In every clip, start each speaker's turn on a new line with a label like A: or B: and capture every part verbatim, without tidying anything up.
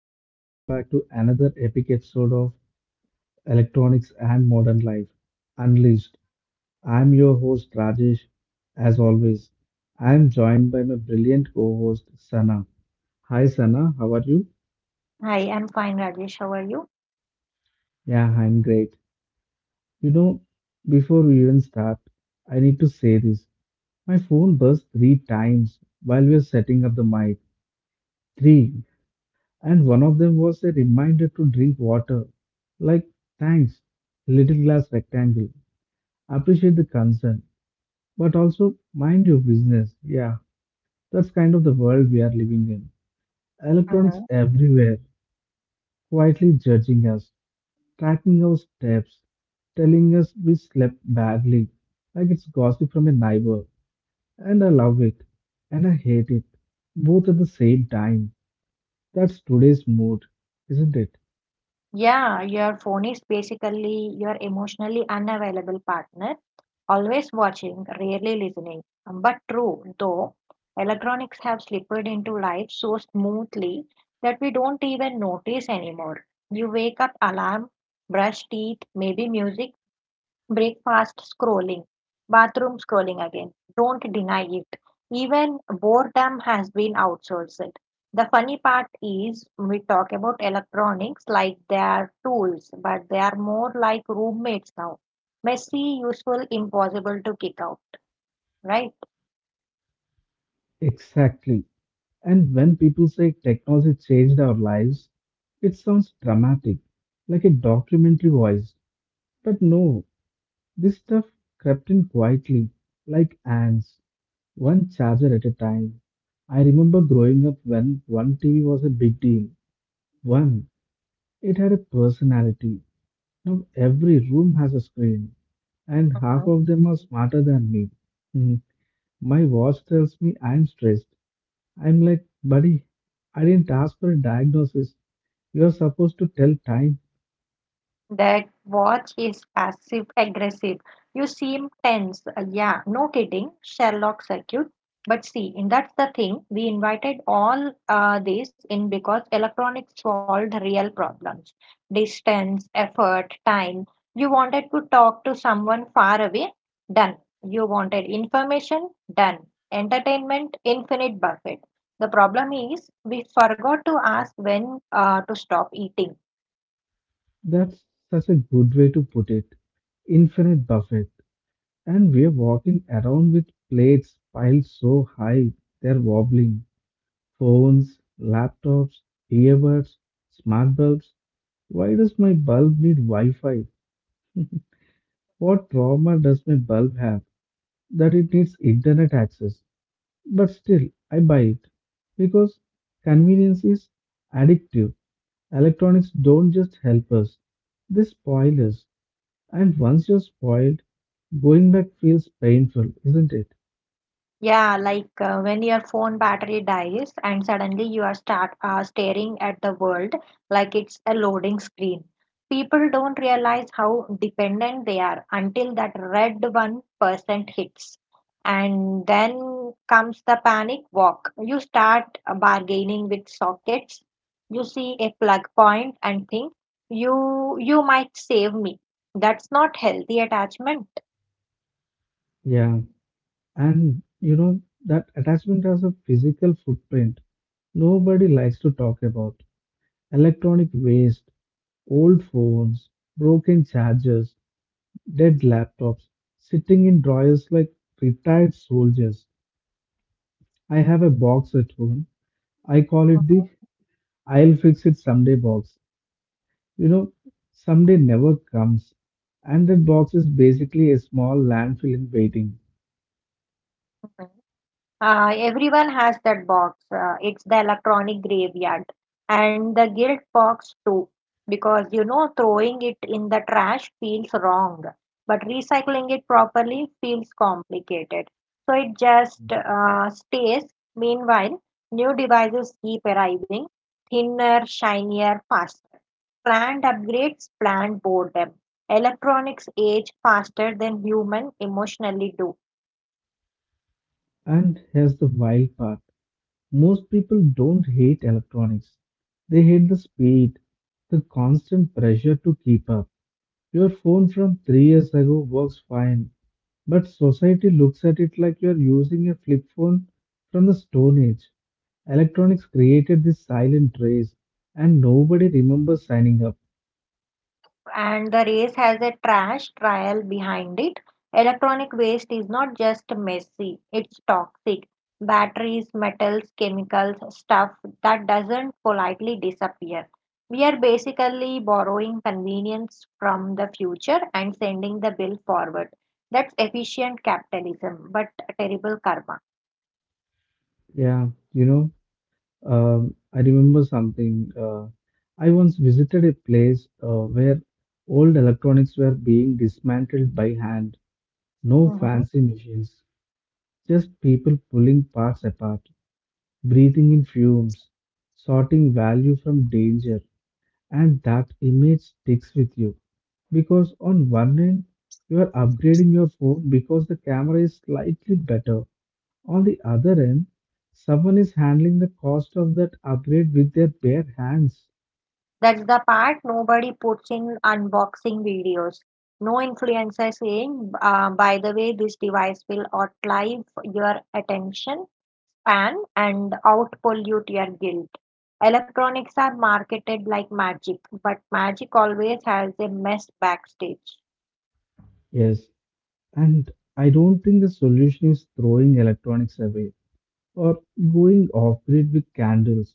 A: and welcome back to another epic episode of Electronics and Modern Life Unleashed. I'm your host, Rajesh. As always, I'm joined by my brilliant co host, Sana. Hi, Sana, how are you?
B: Hi, I'm fine, Rajesh. How are you?
A: Yeah, I'm great. You know, before we even start, I need to say this. My phone buzzed three times while we were setting up the mic. Three. And one of them was a reminder to drink water. Like, thanks, little glass rectangle. Appreciate the concern, but also mind your business. Yeah, that's kind of the world we are living in. Electronics
B: Mhm.
A: everywhere, quietly judging us, tracking our steps, telling us we slept badly, like it's gossip from a neighbor. And I love it, and I hate it, both at the same time. That's today's mood, isn't it?
B: Yeah, your phone is basically your emotionally unavailable partner, always watching, rarely listening. But true, though, electronics have slipped into life so smoothly that we don't even notice anymore. You wake up, alarm, brush teeth, maybe music, breakfast scrolling, bathroom scrolling again. Don't deny it. Even boredom has been outsourced. The funny part is we talk about electronics like they are tools, but they are more like roommates now. Messy, useful, impossible to kick out, right?
A: Exactly. And when people say technology changed our lives, it sounds dramatic, like a documentary voice. But no, this stuff crept in quietly, like ants, one charger at a time. I remember growing up when one T V was a big deal. One, it had a personality. Now every room has a screen, and half of them are smarter than me. Hmm, My watch tells me I'm stressed. I'm like, buddy, I didn't ask for a diagnosis. You are supposed to tell time.
B: That watch is passive aggressive. You seem tense. Uh, yeah, no kidding. Sherlock circuit. But see, and that's the thing. We invited all uh, this in because electronics solved real problems: distance, effort, time. You wanted to talk to someone far away? Done. You wanted information? Done. Entertainment? Infinite buffet. The problem is we forgot to ask when uh, to stop eating.
A: That's such a good way to put it. Infinite buffet. And we're walking around with plates piled so high they're wobbling. Phones, laptops, earbuds, smart bulbs. Why does my bulb need Wi Fi? What trauma does my bulb have that it needs internet access? But still, I buy it because convenience is addictive. Electronics don't just help us, they spoil us. And once you're spoiled, going back feels painful, isn't it?
B: Yeah, like uh, when your phone battery dies and suddenly you are start uh, staring at the world like it's a loading screen. People don't realize how dependent they are until that red one percent hits. And then comes the panic walk. You start bargaining with sockets. You see a plug point and think you you might save me. That's not healthy attachment.
A: Yeah. And you know, that attachment has a physical footprint nobody likes to talk about. Electronic waste, old phones, broken chargers, dead laptops, sitting in drawers like retired soldiers. I have a box at home. I call it the I'll fix it someday box. You know, Someday never comes, and that box is basically a small landfill in waiting.
B: Mhm. Uh, everyone has that box. Uh, it's the electronic graveyard and the guilt box too, because you know throwing it in the trash feels wrong, but recycling it properly feels complicated. So it just uh, stays. Meanwhile, new devices keep arriving, thinner, shinier, faster. Planned upgrades, planned boredom. Electronics age faster than human emotionally do.
A: And here's the wild part most people don't hate electronics, they hate the speed, the constant pressure to keep up. Your phone from three years ago works fine, but society looks at it like you're using a flip phone from the Stone Age. Electronics created this silent race, and nobody remembers signing up.
B: And the race has a trash trial behind it. Electronic waste is not just messy, it's toxic. Batteries, metals, chemicals, stuff that doesn't politely disappear. We are basically borrowing convenience from the future and sending the bill forward. That's efficient capitalism, but terrible karma.
A: Yeah, you know. Um, I remember something. Uh, I once visited a place uh, where old electronics were being dismantled by hand. No
B: Mhm.
A: fancy machines, just people pulling parts apart, breathing in fumes, sorting value from danger. And that image sticks with you because on one end, you are upgrading your phone because the camera is slightly better, on the other end, someone is handling the cost of that upgrade with their bare hands.
B: That's the part nobody puts in unboxing videos. No influencer saying, uh, by the way, this device will outlive your attention span and outpollute your guilt. Electronics are marketed like magic, but magic always has a mess backstage.
A: Yes, and I don't think the solution is throwing electronics away or going off grid with candles.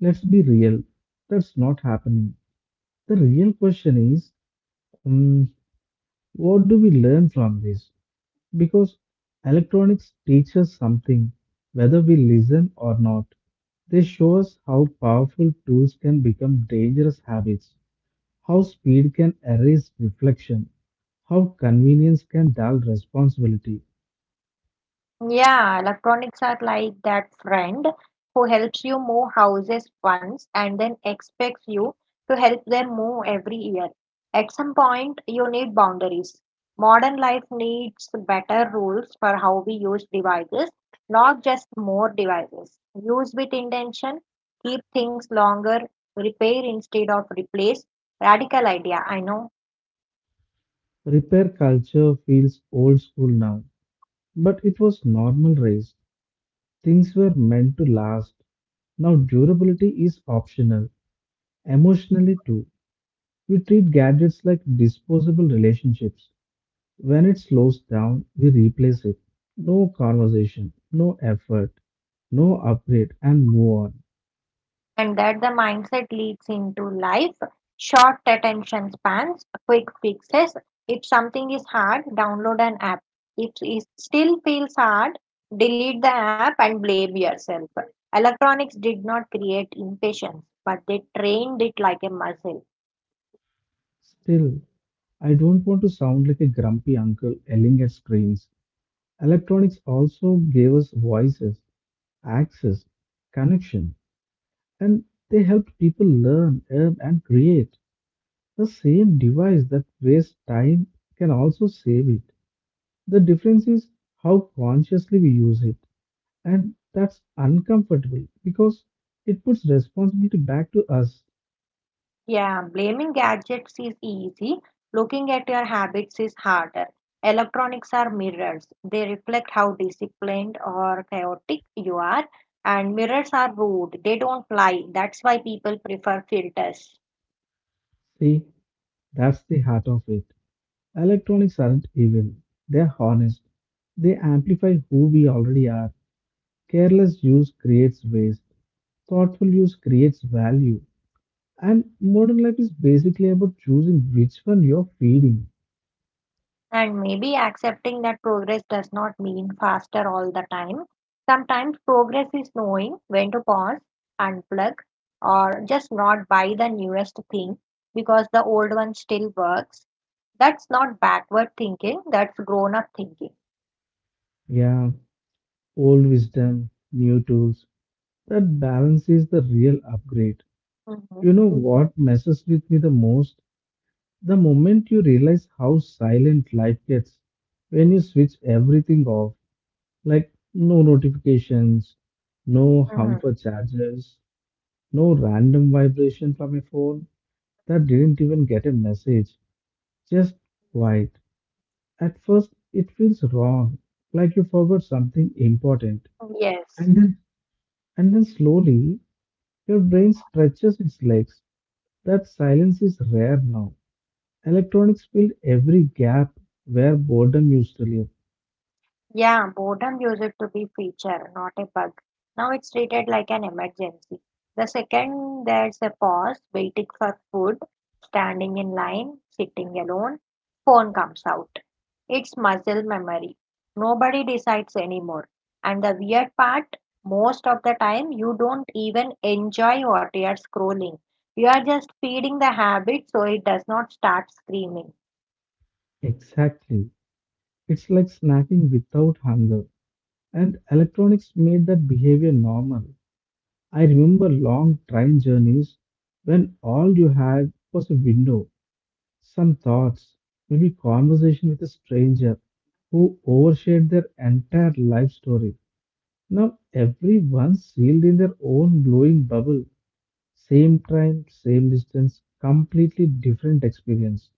A: Let's be real, that's not happening. The real question is um, what do we learn from this? Because electronics teach us something, whether we listen or not. They show us how powerful tools can become dangerous habits. How speed can erase reflection, how convenience can dull responsibility.
B: Yeah, electronics are like that friend who helps you move houses once and then expects you to help them move every year. At some point, you need boundaries. Modern life needs better rules for how we use devices, not just more devices. Use with intention, keep things longer, repair instead of replace. Radical idea, I know.
A: Repair culture feels old school now, but it was normal race. Things were meant to last. Now, durability is optional, emotionally too. We treat gadgets like disposable relationships. When it slows down, we replace it. No conversation, no effort, no upgrade, and move on.
B: And that the mindset leads into life, short attention spans, quick fixes. If something is hard, download an app. If it still feels hard, delete the app and blame yourself. Electronics did not create impatience, but they trained it like a muscle.
A: Still, I don't want to sound like a grumpy uncle yelling at screens. Electronics also gave us voices, access, connection, and they helped people learn, earn, and create. The same device that wastes time can also save it. The difference is how consciously we use it, and that's uncomfortable because it puts responsibility back to us.
B: Yeah, blaming gadgets is easy. Looking at your habits is harder. Electronics are mirrors. They reflect how disciplined or chaotic you are. And mirrors are rude. They don't lie. That's why people prefer filters.
A: See, that's the heart of it. Electronics aren't evil, they're honest. They amplify who we already are. Careless use creates waste, thoughtful use creates value. And modern life is basically about choosing which one you're feeding.
B: And maybe accepting that progress does not mean faster all the time. Sometimes progress is knowing when to pause, unplug, or just not buy the newest thing because the old one still works. That's not backward thinking, that's grown up thinking.
A: Yeah, old wisdom, new tools. That balance is the real upgrade.
B: Hmm.
A: You know what messes with me the most? The moment you realize how silent life gets when you switch everything off. Like no notifications, no
B: Hmm.
A: harmful charges, no random vibration from a phone that didn't even get a message. Just quiet. At first, it feels wrong, like you forgot something important.
B: Yes.
A: And then, and then slowly, your brain stretches its legs. That silence is rare now. Electronics filled every gap where boredom used to live.
B: Yeah, boredom used to be feature, not a bug. Now it's treated like an emergency. The second there's a pause, waiting for food, standing in line, sitting alone, phone comes out. It's muscle memory. Nobody decides anymore. And the weird part, most of the time you don't even enjoy what you are scrolling. You are just feeding the habit so it does not start screaming.
A: Exactly. It's like snacking without hunger. And electronics made that behavior normal. I remember long train journeys when all you had was a window, some thoughts, maybe conversation with a stranger who overshared their entire life story. Now everyone's sealed in their own glowing bubble. Same train, same distance, completely different experience.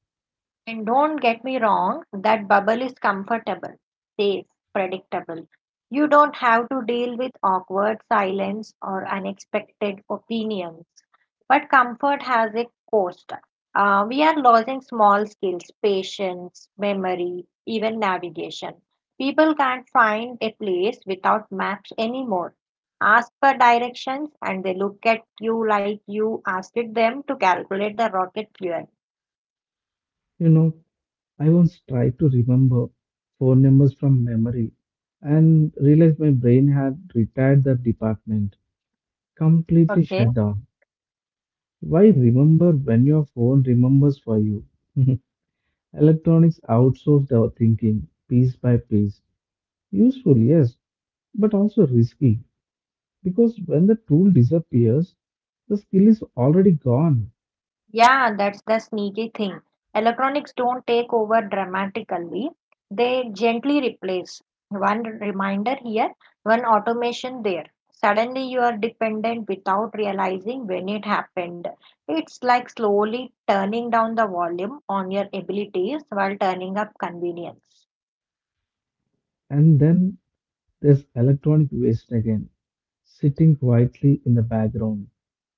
B: And don't get me wrong, that bubble is comfortable, safe, predictable. You don't have to deal with awkward silence or unexpected opinions. But comfort has a cost. Uh, we are losing small skills, patience, memory, even navigation. People can't find a place without maps anymore. Ask for directions and they look at you like you asked them to calculate the rocket fuel.
A: You know, I once tried to remember phone numbers from memory and realized my brain had retired the department, completely
B: Okay.
A: shut down. Why remember when your phone remembers for you? Electronics outsourced our thinking piece by piece. Useful, yes, but also risky because when the tool disappears, the skill is already gone.
B: Yeah, that's the sneaky thing. Electronics don't take over dramatically, they gently replace. One reminder here, one automation there. Suddenly you are dependent without realizing when it happened. It's like slowly turning down the volume on your abilities while turning up convenience.
A: And then there's electronic waste again, sitting quietly in the background,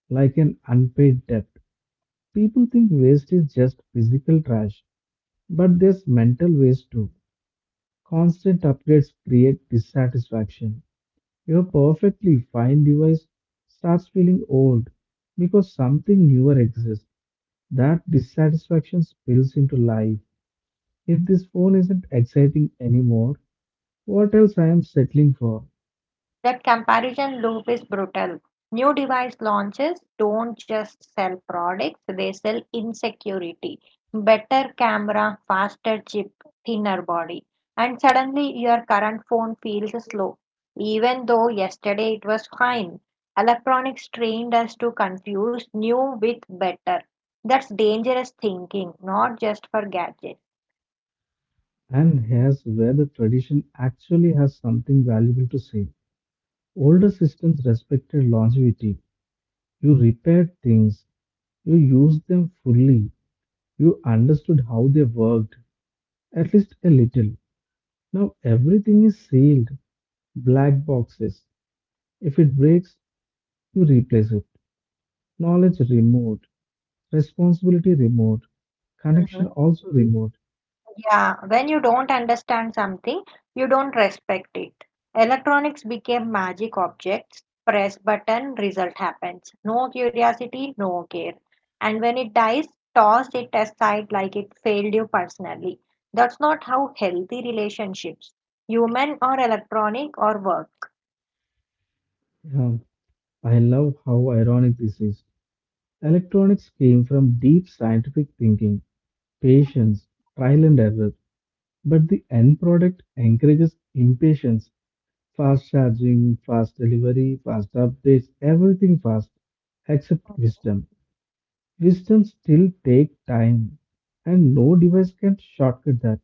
A: like an unpaid debt. People think waste is just physical trash, but there's mental waste too. Constant upgrades create dissatisfaction. Your perfectly fine device starts feeling old because something newer exists. That dissatisfaction spills into life. If this phone isn't exciting anymore, what else I am settling for?
B: That comparison loop is brutal. New device launches don't just sell products, they sell insecurity. Better camera, faster chip, thinner body. And suddenly your current phone feels slow, even though yesterday it was fine. Electronics trained us to confuse new with better. That's dangerous thinking, not just for gadgets.
A: And here's where the tradition actually has something valuable to say. Older systems respected longevity. You repaired things, you used them fully, you understood how they worked, at least a little. Now everything is sealed, black boxes. If it breaks, you replace it. Knowledge remote, responsibility remote, connection also remote.
B: Yeah, when you don't understand something, you don't respect it. Electronics became magic objects. Press button, result happens. No curiosity, no care. And when it dies, toss it aside like it failed you personally. That's not how healthy relationships, human or electronic, or work.
A: Yeah, I love how ironic this is. Electronics came from deep scientific thinking, patience, trial and error, but the end product encourages impatience. Fast charging, fast delivery, fast updates, everything fast except wisdom. Wisdom still take time and no device can shortcut that.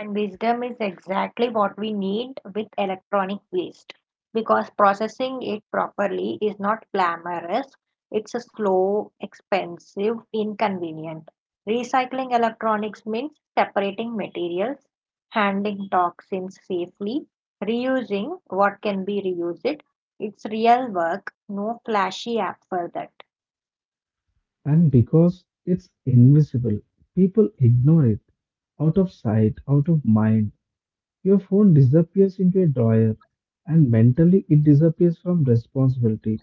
B: And wisdom is exactly what we need with electronic waste because processing it properly is not glamorous, it's a slow, expensive, inconvenient. Recycling electronics means separating materials, handling toxins safely, reusing what can be reused. It's real work, no flashy app for that.
A: And because it's invisible, people ignore it. Out of sight, out of mind, your phone disappears into a drawer and mentally it disappears from responsibility.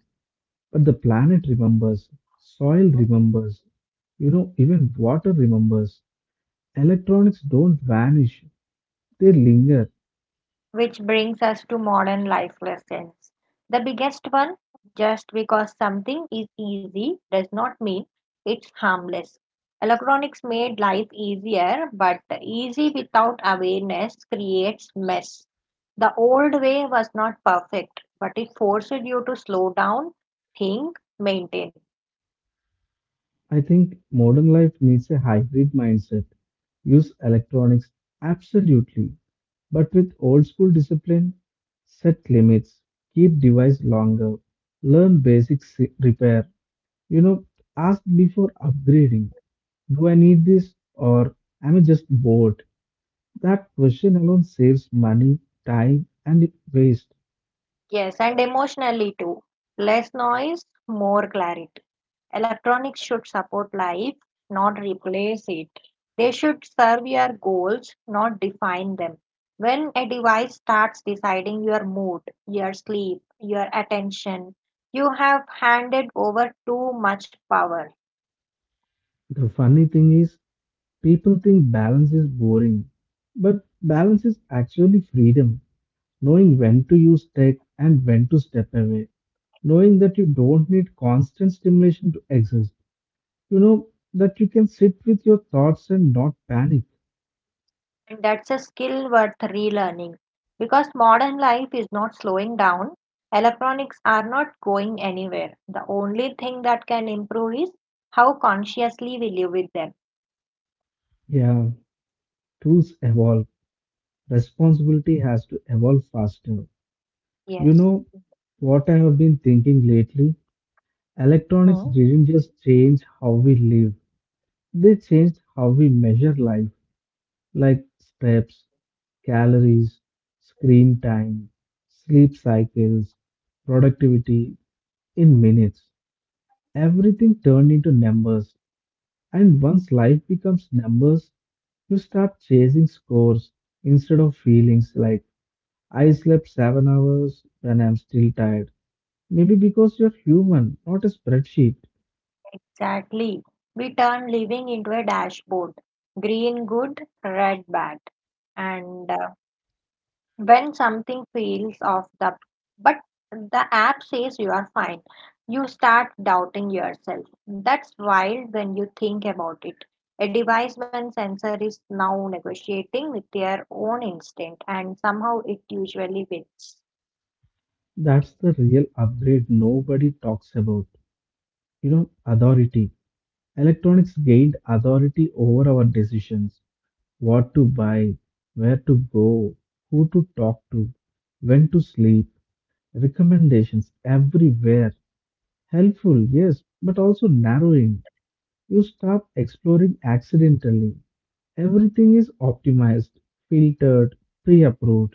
A: But the planet remembers, soil remembers, you know, even water remembers. Electronics don't vanish, they linger.
B: Which brings us to modern life lessons. The biggest one, just because something is easy does not mean it's harmless. Electronics made life easier, but easy without awareness creates mess. The old way was not perfect, but it forced you to slow down, think, maintain.
A: I think modern life needs a hybrid mindset. Use electronics absolutely, but with old school discipline, set limits, keep device longer, learn basic s- repair. You know, ask before upgrading. Do I need this or am I just bored? That question alone saves money, time, and waste.
B: Yes, and emotionally too. Less noise, more clarity. Electronics should support life, not replace it. They should serve your goals, not define them. When a device starts deciding your mood, your sleep, your attention, you have handed over too much power.
A: The funny thing is, people think balance is boring, but balance is actually freedom. Knowing when to use tech and when to step away, knowing that you don't need constant stimulation to exist. You know that you can sit with your thoughts and not panic.
B: And that's a skill worth relearning. Because modern life is not slowing down, electronics are not going anywhere. The only thing that can improve is how consciously we live with them.
A: Yeah, tools evolve. Responsibility has to evolve faster. You
B: Yes.
A: know what I have been thinking lately? Electronics
B: Hmm.
A: didn't just change how we live, they changed how we measure life, like steps, calories, screen time, sleep cycles, productivity in minutes. Everything turned into numbers. And once life becomes numbers, you start chasing scores instead of feelings like, I slept seven hours and I'm still tired. Maybe because you're human, not a spreadsheet.
B: Exactly. We turn living into a dashboard. Green good, red bad. And uh, when something fails off the, but the app says you are fine, you start doubting yourself. That's wild when you think about it. A device when sensor is now negotiating with their own instinct and somehow it usually wins.
A: That's the real upgrade nobody talks about. You know, authority. Electronics gained authority over our decisions. What to buy, where to go, who to talk to, when to sleep, recommendations everywhere. Helpful, yes, but also narrowing. You start exploring accidentally. Everything is optimized, filtered, pre approved,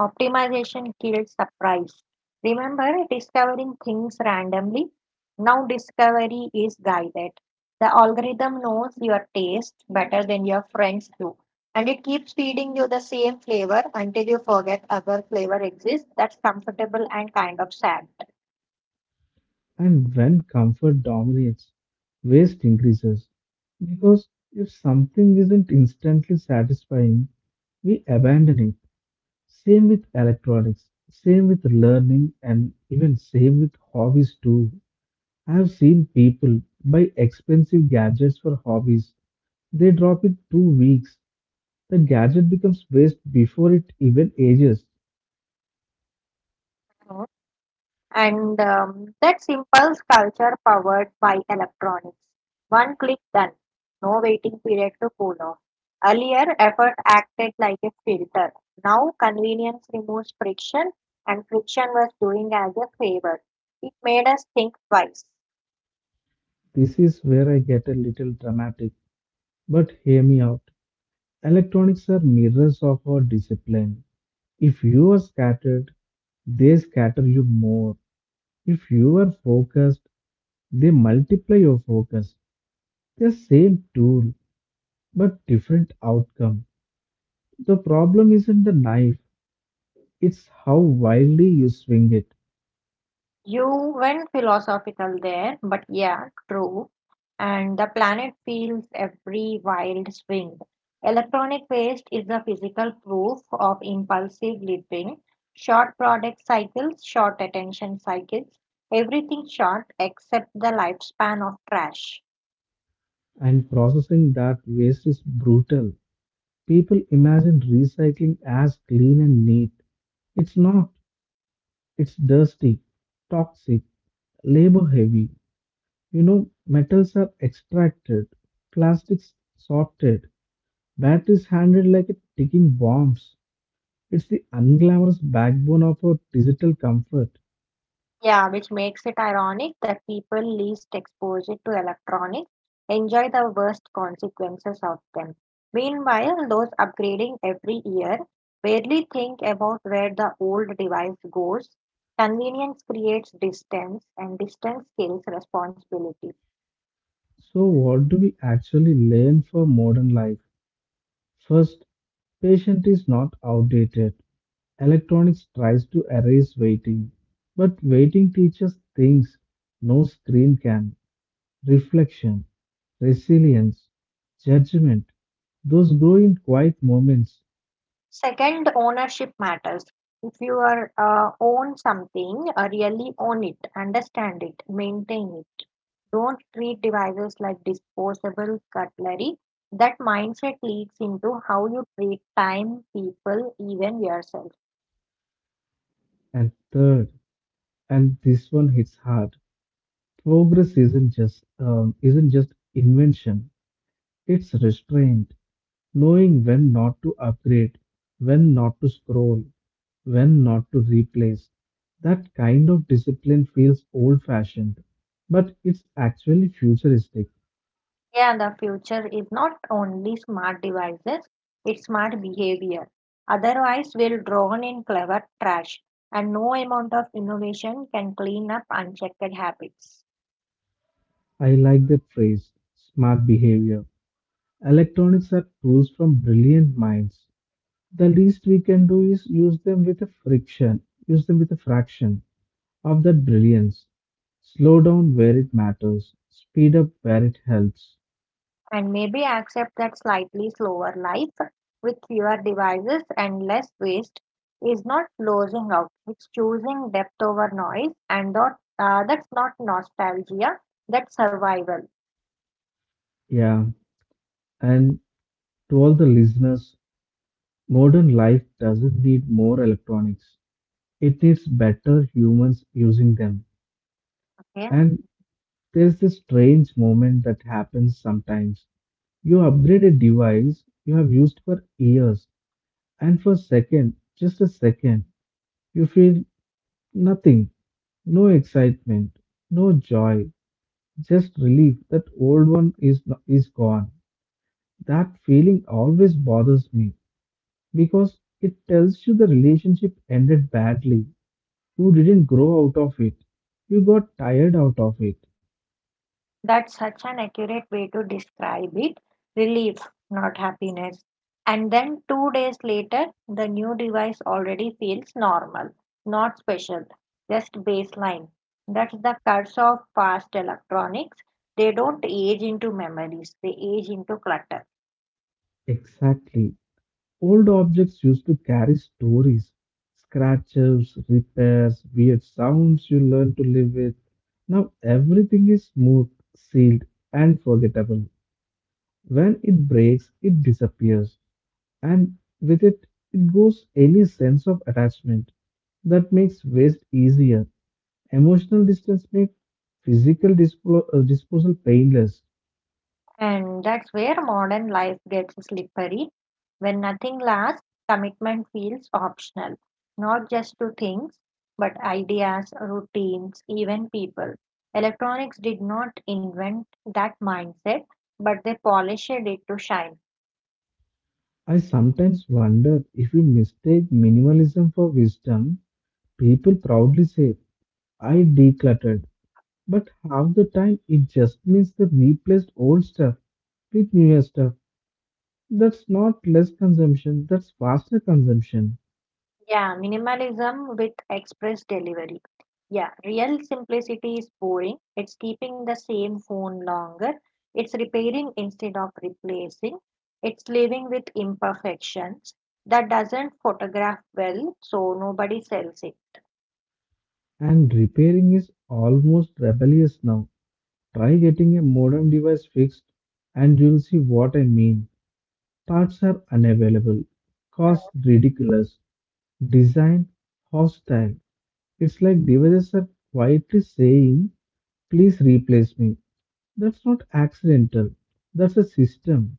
B: Optimization killed surprise. Remember discovering things randomly? Now discovery is guided. The algorithm knows your taste better than your friends do. And it keeps feeding you the same flavor until you forget other flavor exists. That's comfortable and kind of sad.
A: and when comfort dominates, waste increases. Because if something isn't instantly satisfying, we abandon it. Same with electronics, same with learning, and even same with hobbies too. I've seen people buy expensive gadgets for hobbies. They drop it two weeks. The gadget becomes waste before it even ages.
B: And um, that's impulse culture powered by electronics. One click done. No waiting period to cool off. Earlier, effort acted like a filter. Now, convenience removes friction, and friction was doing as a favor. It made us think twice.
A: This is where I get a little dramatic, but hear me out. Electronics are mirrors of our discipline. If you are scattered, they scatter you more. If you are focused, they multiply your focus. The same tool, but different outcome. The problem isn't the knife, it's how wildly you swing it,
B: You went philosophical there, but yeah, true. And the planet feels every wild swing. Electronic waste is a physical proof of impulsive living. Short product cycles, short attention cycles, everything short except the lifespan of trash.
A: and processing that waste is brutal. People imagine recycling as clean and neat. It's not. It's dirty, toxic, labor heavy. You know, metals are extracted, plastics sorted, batteries handled like a ticking bombs. It's the unglamorous backbone of our digital comfort.
B: Yeah, which makes it ironic that people least exposed to electronics enjoy the worst consequences of them. Meanwhile, those upgrading every year barely think about where the old device goes. Convenience creates distance, and distance kills responsibility.
A: So, what do we actually learn for modern life? First, patience is not outdated. Electronics tries to erase waiting, but waiting teaches things no screen can. Reflection, resilience, judgment. Those grow in quiet moments.
B: Second, ownership matters. If you are uh, own something, uh, really own it, understand it, maintain it. Don't treat devices like disposable cutlery. That mindset leaks into how you treat time, people, even yourself.
A: And third, and this one hits hard. Progress isn't just um, isn't just invention. It's restraint. Knowing when not to upgrade, when not to scroll, when not to replace. That kind of discipline feels old fashioned, but it's actually futuristic.
B: Yeah, the future is not only smart devices, it's smart behavior. Otherwise, we'll drown in clever trash, and no amount of innovation can clean up unchecked habits.
A: I like that phrase, smart behavior. Electronics are tools from brilliant minds. The least we can do is use them with a friction, use them with a fraction of that brilliance. Slow down where it matters, speed up where it helps.
B: And maybe accept that slightly slower life with fewer devices and less waste is not losing out. It's choosing depth over noise, and not, uh, that's not nostalgia, that's survival.
A: Yeah, and to all the listeners, modern life doesn't need more electronics, it needs better humans using them.
B: Okay.
A: And there's this strange moment that happens sometimes. You upgrade a device you have used for years, and for a second, just a second, you feel nothing, no excitement, no joy, just relief that old one is no, is gone. That feeling always bothers me because it tells you the relationship ended badly. You didn't grow out of it. You got tired out of it.
B: That's such an accurate way to describe it. Relief, not happiness. And then two days later, the new device already feels normal, not special, just baseline. That's the curse of fast electronics. They don't age into memories, they age into clutter.
A: Exactly. Old objects used to carry stories, scratches, repairs, weird sounds you learn to live with. Now everything is smooth, sealed, and forgettable. When it breaks, it disappears, and with it, it goes any sense of attachment. That makes waste easier. Emotional distance makes physical dispo- uh, disposal painless.
B: And that's where modern life gets slippery. When nothing lasts, commitment feels optional, not just to things, but ideas, routines, even people. Electronics did not invent that mindset, but they polished it to shine.
A: I sometimes wonder if we mistake minimalism for wisdom. People proudly say, I decluttered, but half the time it just means they replaced old stuff with newer stuff. That's not less consumption, that's faster consumption.
B: Yeah, minimalism with express delivery. Yeah, real simplicity is boring. It's keeping the same phone longer. It's repairing instead of replacing. It's living with imperfections that doesn't photograph well, so nobody sells it.
A: And repairing is almost rebellious now. Try getting a modern device fixed and you'll see what I mean. Parts are unavailable, cost ridiculous, design hostile. It's like devices are quietly saying, please replace me. That's not accidental, that's a system.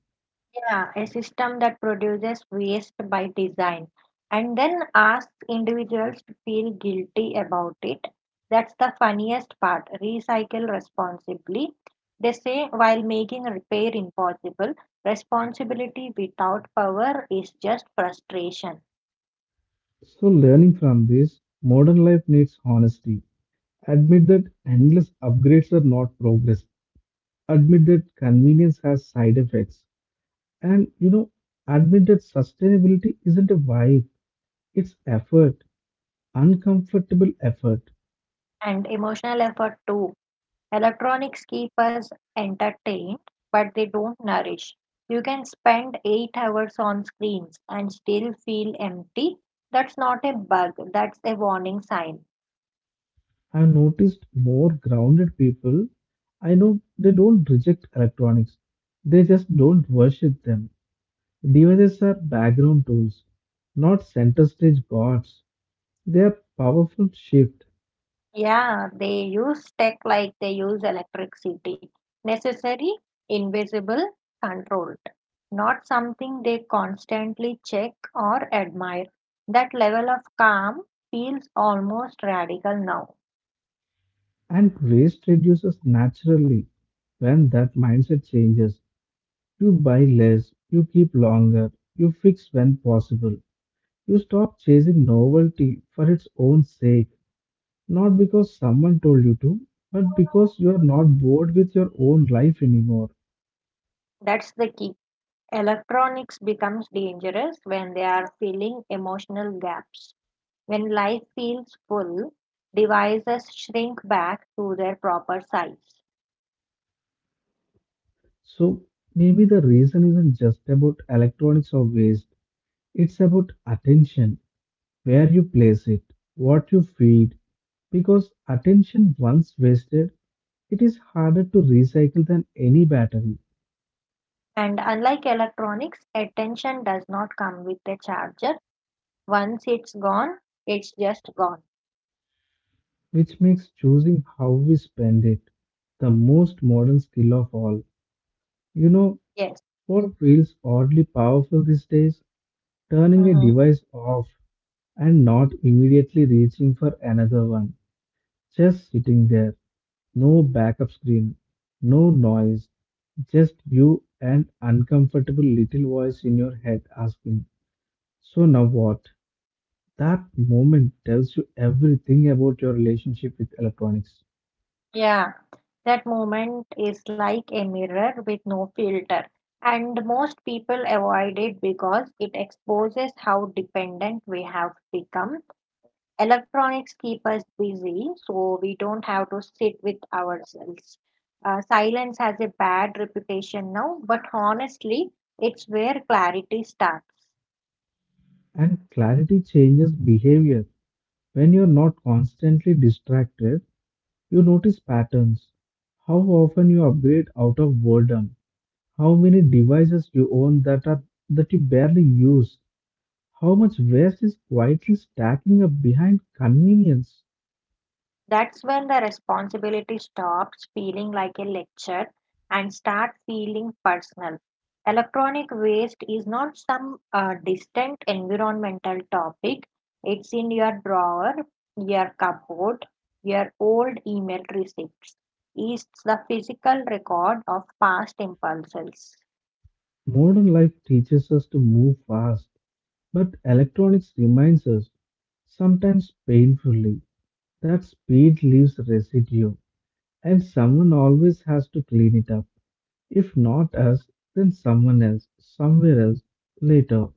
B: Yeah, a system that produces waste by design and then asks individuals to feel guilty about it. That's the funniest part. Recycle responsibly. They say while making repair impossible, responsibility without power is just frustration.
A: So, learning from this, modern life needs honesty. Admit that endless upgrades are not progress. Admit that convenience has side effects. And you know, admit that sustainability isn't a vibe, it's effort, uncomfortable effort.
B: And emotional effort too. Electronics keep us entertained, but they don't nourish. You can spend eight hours on screens and still feel empty. That's not a bug, that's a warning sign.
A: I've noticed more grounded people. I know they don't reject electronics, they just don't worship them. Devices are background tools, not center stage gods. They are powerful shift,
B: Yeah, they use tech like they use electricity. Necessary, invisible, controlled. Not something they constantly check or admire. That level of calm feels almost radical now.
A: and waste reduces naturally. When that mindset changes, you buy less, you keep longer, you fix when possible, you stop chasing novelty for its own sake. Not because someone told you to, but because you are not bored with your own life anymore.
B: That's the key. Electronics becomes dangerous when they are filling emotional gaps. When life feels full, devices shrink back to their proper size.
A: So maybe the reason isn't just about electronics or waste, it's about attention, where you place it, what you feed, because attention once wasted, it is harder to recycle than any battery,
B: And unlike electronics, attention does not come with a charger. Once it's gone, it's just gone.
A: which makes choosing how we spend it the most modern skill of all. You know
B: Yes.
A: what feels oddly powerful these days? Turning a
B: Hmm.
A: device off and not immediately reaching for another one. Just sitting there, no backup screen, no noise, just you and uncomfortable little voice in your head asking, so now what? That moment tells you everything about your relationship with electronics.
B: Yeah. That moment is like a mirror with no filter. And most people avoid it because it exposes how dependent we have become. Electronics keep us busy so we don't have to sit with ourselves. Uh, silence has a bad reputation now, but honestly, it's where clarity starts.
A: And clarity changes behavior. When you're not constantly distracted, you notice patterns. How often you upgrade out of boredom, how many devices you own that are that you barely use? How much waste is quietly stacking up behind convenience?
B: That's when the responsibility stops feeling like a lecture and start feeling personal. Electronic waste is not some uh, distant environmental topic. It's in your drawer, your cupboard, your old email receipts. It's the physical record of past impulses.
A: Modern life teaches us to move fast, but electronics reminds us, sometimes painfully, that speed leaves residue, and someone always has to clean it up. If not us, then someone else, somewhere else, later.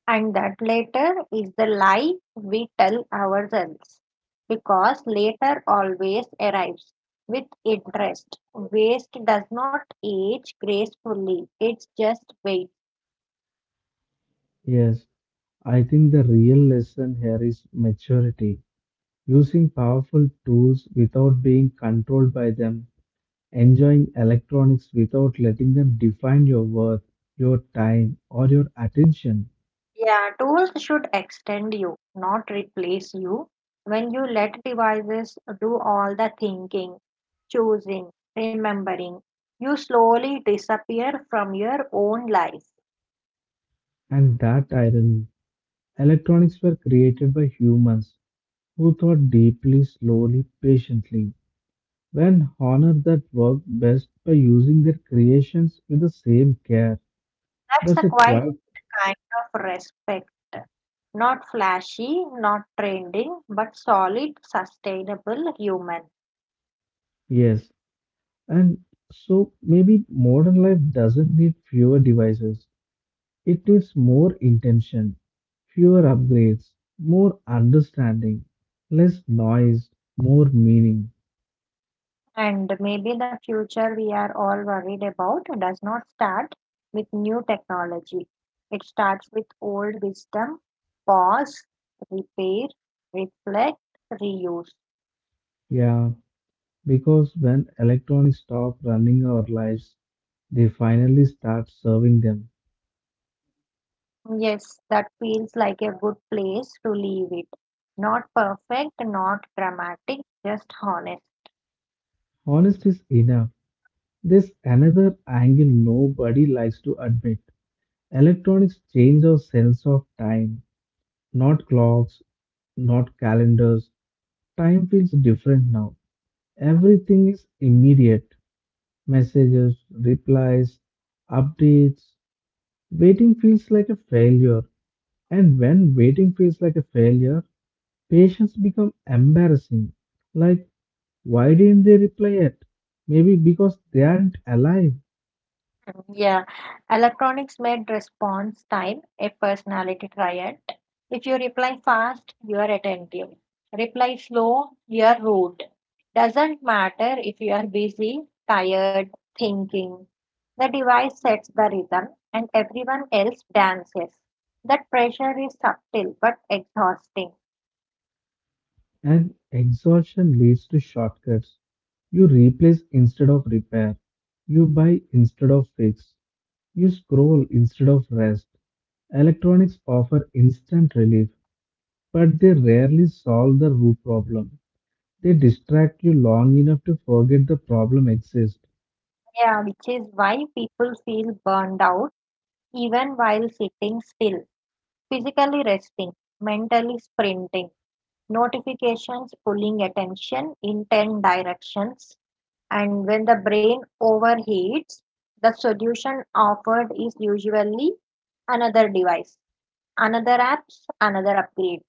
B: And that later is the lie we tell ourselves, because later always arrives with interest. Waste does not age gracefully, it's just waits.
A: Yes, I think the real lesson here is maturity. Using powerful tools without being controlled by them, enjoying electronics without letting them define your worth, your time, or your attention.
B: Yeah, tools should extend you, not replace you. When you let devices do all the thinking, choosing, remembering, you slowly disappear from your own life.
A: And that irony, electronics were created by humans who thought deeply, slowly, patiently, when honored that work best by using their creations with the same care.
B: That's a
A: That's a
B: quite
A: quite,
B: kind of respect. Not flashy, not trending, but solid, sustainable, human.
A: yes. And so maybe modern life doesn't need fewer devices. It needs more intention, fewer upgrades, more understanding, less noise, more meaning.
B: And maybe the future we are all worried about does not start with new technology. It starts with old wisdom, pause, repair, reflect, reuse.
A: Yeah, because when electronics stop running our lives, they finally start serving them.
B: Yes, that feels like a good place to leave it. Not perfect, not dramatic, just honest.
A: Honest is enough. There's another angle nobody likes to admit. Electronics change our sense of time, not clocks, not calendars. Time feels different now. Everything is immediate. Messages, replies, updates. Waiting feels like a failure, and when waiting feels like a failure, patience become embarrassing. Like, why didn't they reply yet? Maybe because they aren't alive,
B: Yeah, electronics made response time a personality triad. If you reply fast, you are attentive. Reply slow, you are rude. Doesn't matter if you are busy, tired, thinking. The device sets the rhythm and everyone else dances. That pressure is subtle but exhausting.
A: and exhaustion leads to shortcuts. You replace instead of repair. You buy instead of fix. You scroll instead of rest. Electronics offer instant relief, but they rarely solve the root problem. They distract you long enough to forget the problem exists.
B: Yeah, which is why people feel burned out even while sitting still, physically resting, mentally sprinting. Notifications pulling attention in ten directions. And when the brain overheats, the solution offered is usually another device, another apps, another upgrade.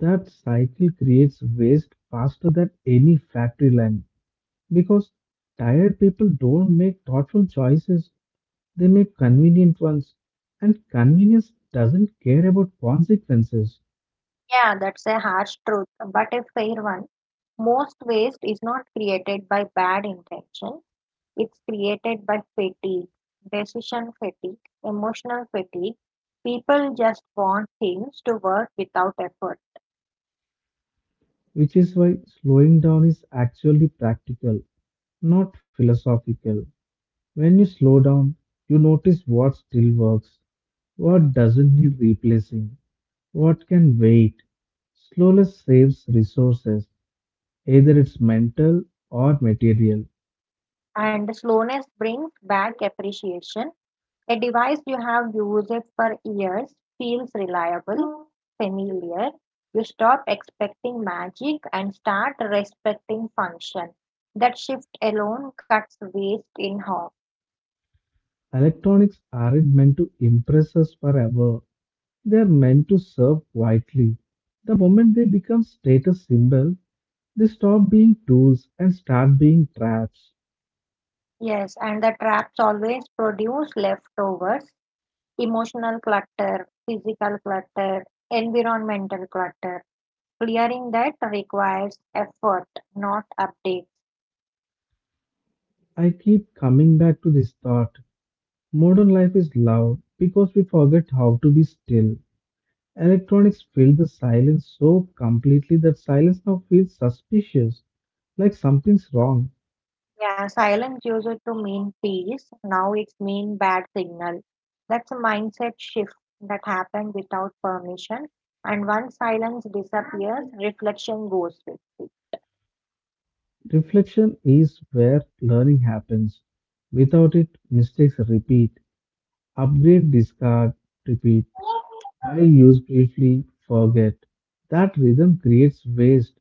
A: That cycle creates waste faster than any factory line because tired people don't make thoughtful choices, they make convenient ones, and convenience doesn't care about consequences,
B: Yeah, that's a harsh truth, but a fair one. Most waste is not created by bad intention, it's created by fatigue, decision fatigue, emotional fatigue. People just want things to work without effort.
A: which is why slowing down is actually practical, not philosophical. When you slow down, you notice what still works, what doesn't need replacing, what can wait? Slowness saves resources, either it's mental or material.
B: And slowness brings back appreciation. A device you have used it for years feels reliable, familiar. You stop expecting magic and start respecting function. That shift alone cuts waste in half.
A: Electronics aren't meant to impress us forever, they are meant to serve quietly. The moment they become status symbols, they stop being tools and start being traps.
B: Yes, and the traps always produce leftovers, emotional clutter, physical clutter, environmental clutter. Clearing that requires effort, not updates.
A: I keep coming back to this thought. Modern life is loud because we forget how to be still. Electronics filled the silence so completely that silence now feels suspicious, like something's wrong.
B: Yeah, silence used to mean peace. Now it's mean bad signal. That's a mindset shift that happened without permission. And once silence disappears, reflection goes with it.
A: Reflection is where learning happens. Without it, mistakes repeat. Upgrade, discard, repeat. While used briefly, forget. That rhythm creates waste,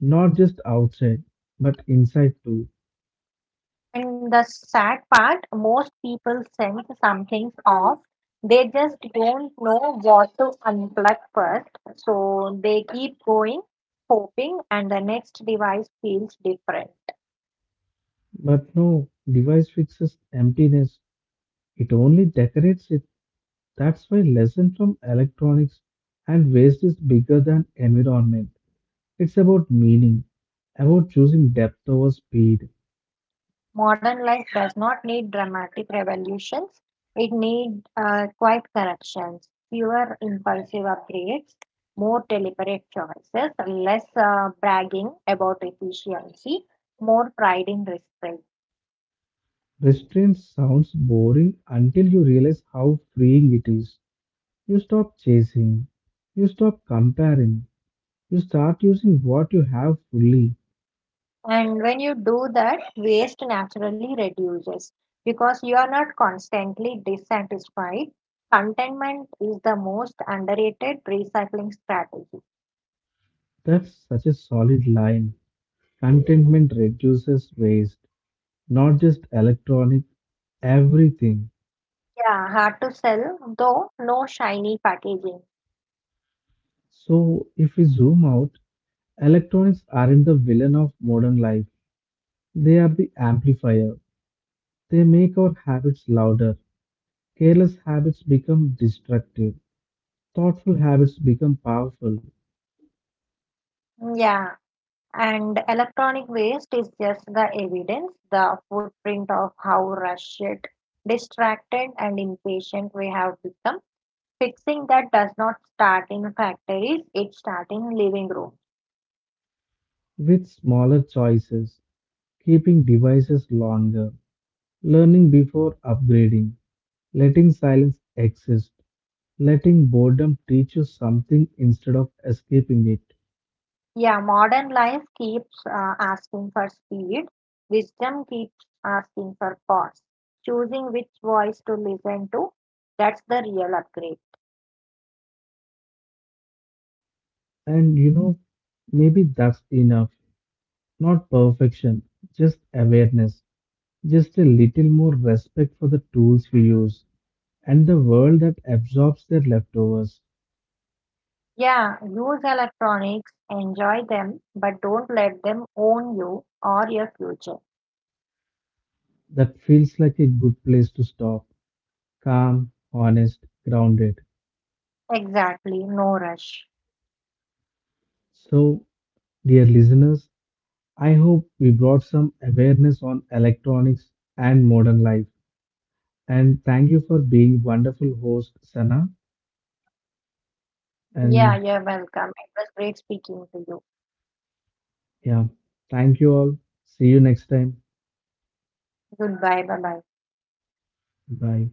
A: not just outside, but inside too.
B: And the sad part, most people sense something's off. They just don't know what to unplug first. So they keep going, hoping, and the next device feels different.
A: But no, device fixes emptiness, it only decorates it. That's why lesson from electronics and waste is bigger than environment. It's about meaning, about choosing depth over speed.
B: Modern life does not need dramatic revolutions. It needs uh, quiet corrections, fewer impulsive upgrades, more deliberate choices, less uh, bragging about efficiency, more pride in restraint.
A: Restraint sounds boring until you realize how freeing it is. You stop chasing, you stop comparing, you start using what you have fully.
B: And when you do that, waste naturally reduces because you are not constantly dissatisfied. Contentment is the most underrated recycling strategy.
A: That's such a solid line. Contentment reduces waste, not just electronic, everything.
B: Yeah, hard to sell, though, no shiny packaging.
A: So if we zoom out, electronics aren't the villain of modern life, they are the amplifier. They make our habits louder. Careless habits become destructive. Thoughtful habits become powerful.
B: Yeah, and electronic waste is just the evidence, the footprint of how rushed, distracted, and impatient we have become. Fixing that does not start in factories, it starts in living rooms.
A: With smaller choices, keeping devices longer, learning before upgrading, letting silence exist, letting boredom teach you something instead of escaping it.
B: Yeah, modern life keeps uh, asking for speed, wisdom keeps asking for pause. Choosing which voice to listen to, that's the real upgrade.
A: And you know, maybe that's enough. Not perfection, just awareness. Just a little more respect for the tools we use and the world that absorbs their leftovers.
B: Yeah, use electronics, enjoy them, but don't let them own you or your future.
A: That feels like a good place to stop. Calm, honest, grounded.
B: Exactly, no rush.
A: So, dear listeners, I hope we brought some awareness on electronics and modern life. And thank you for being wonderful host, Sana.
B: Yeah,
A: And
B: you're welcome. It was great speaking to you.
A: yeah, thank you all. See you next time.
B: Goodbye, bye bye.
A: Bye.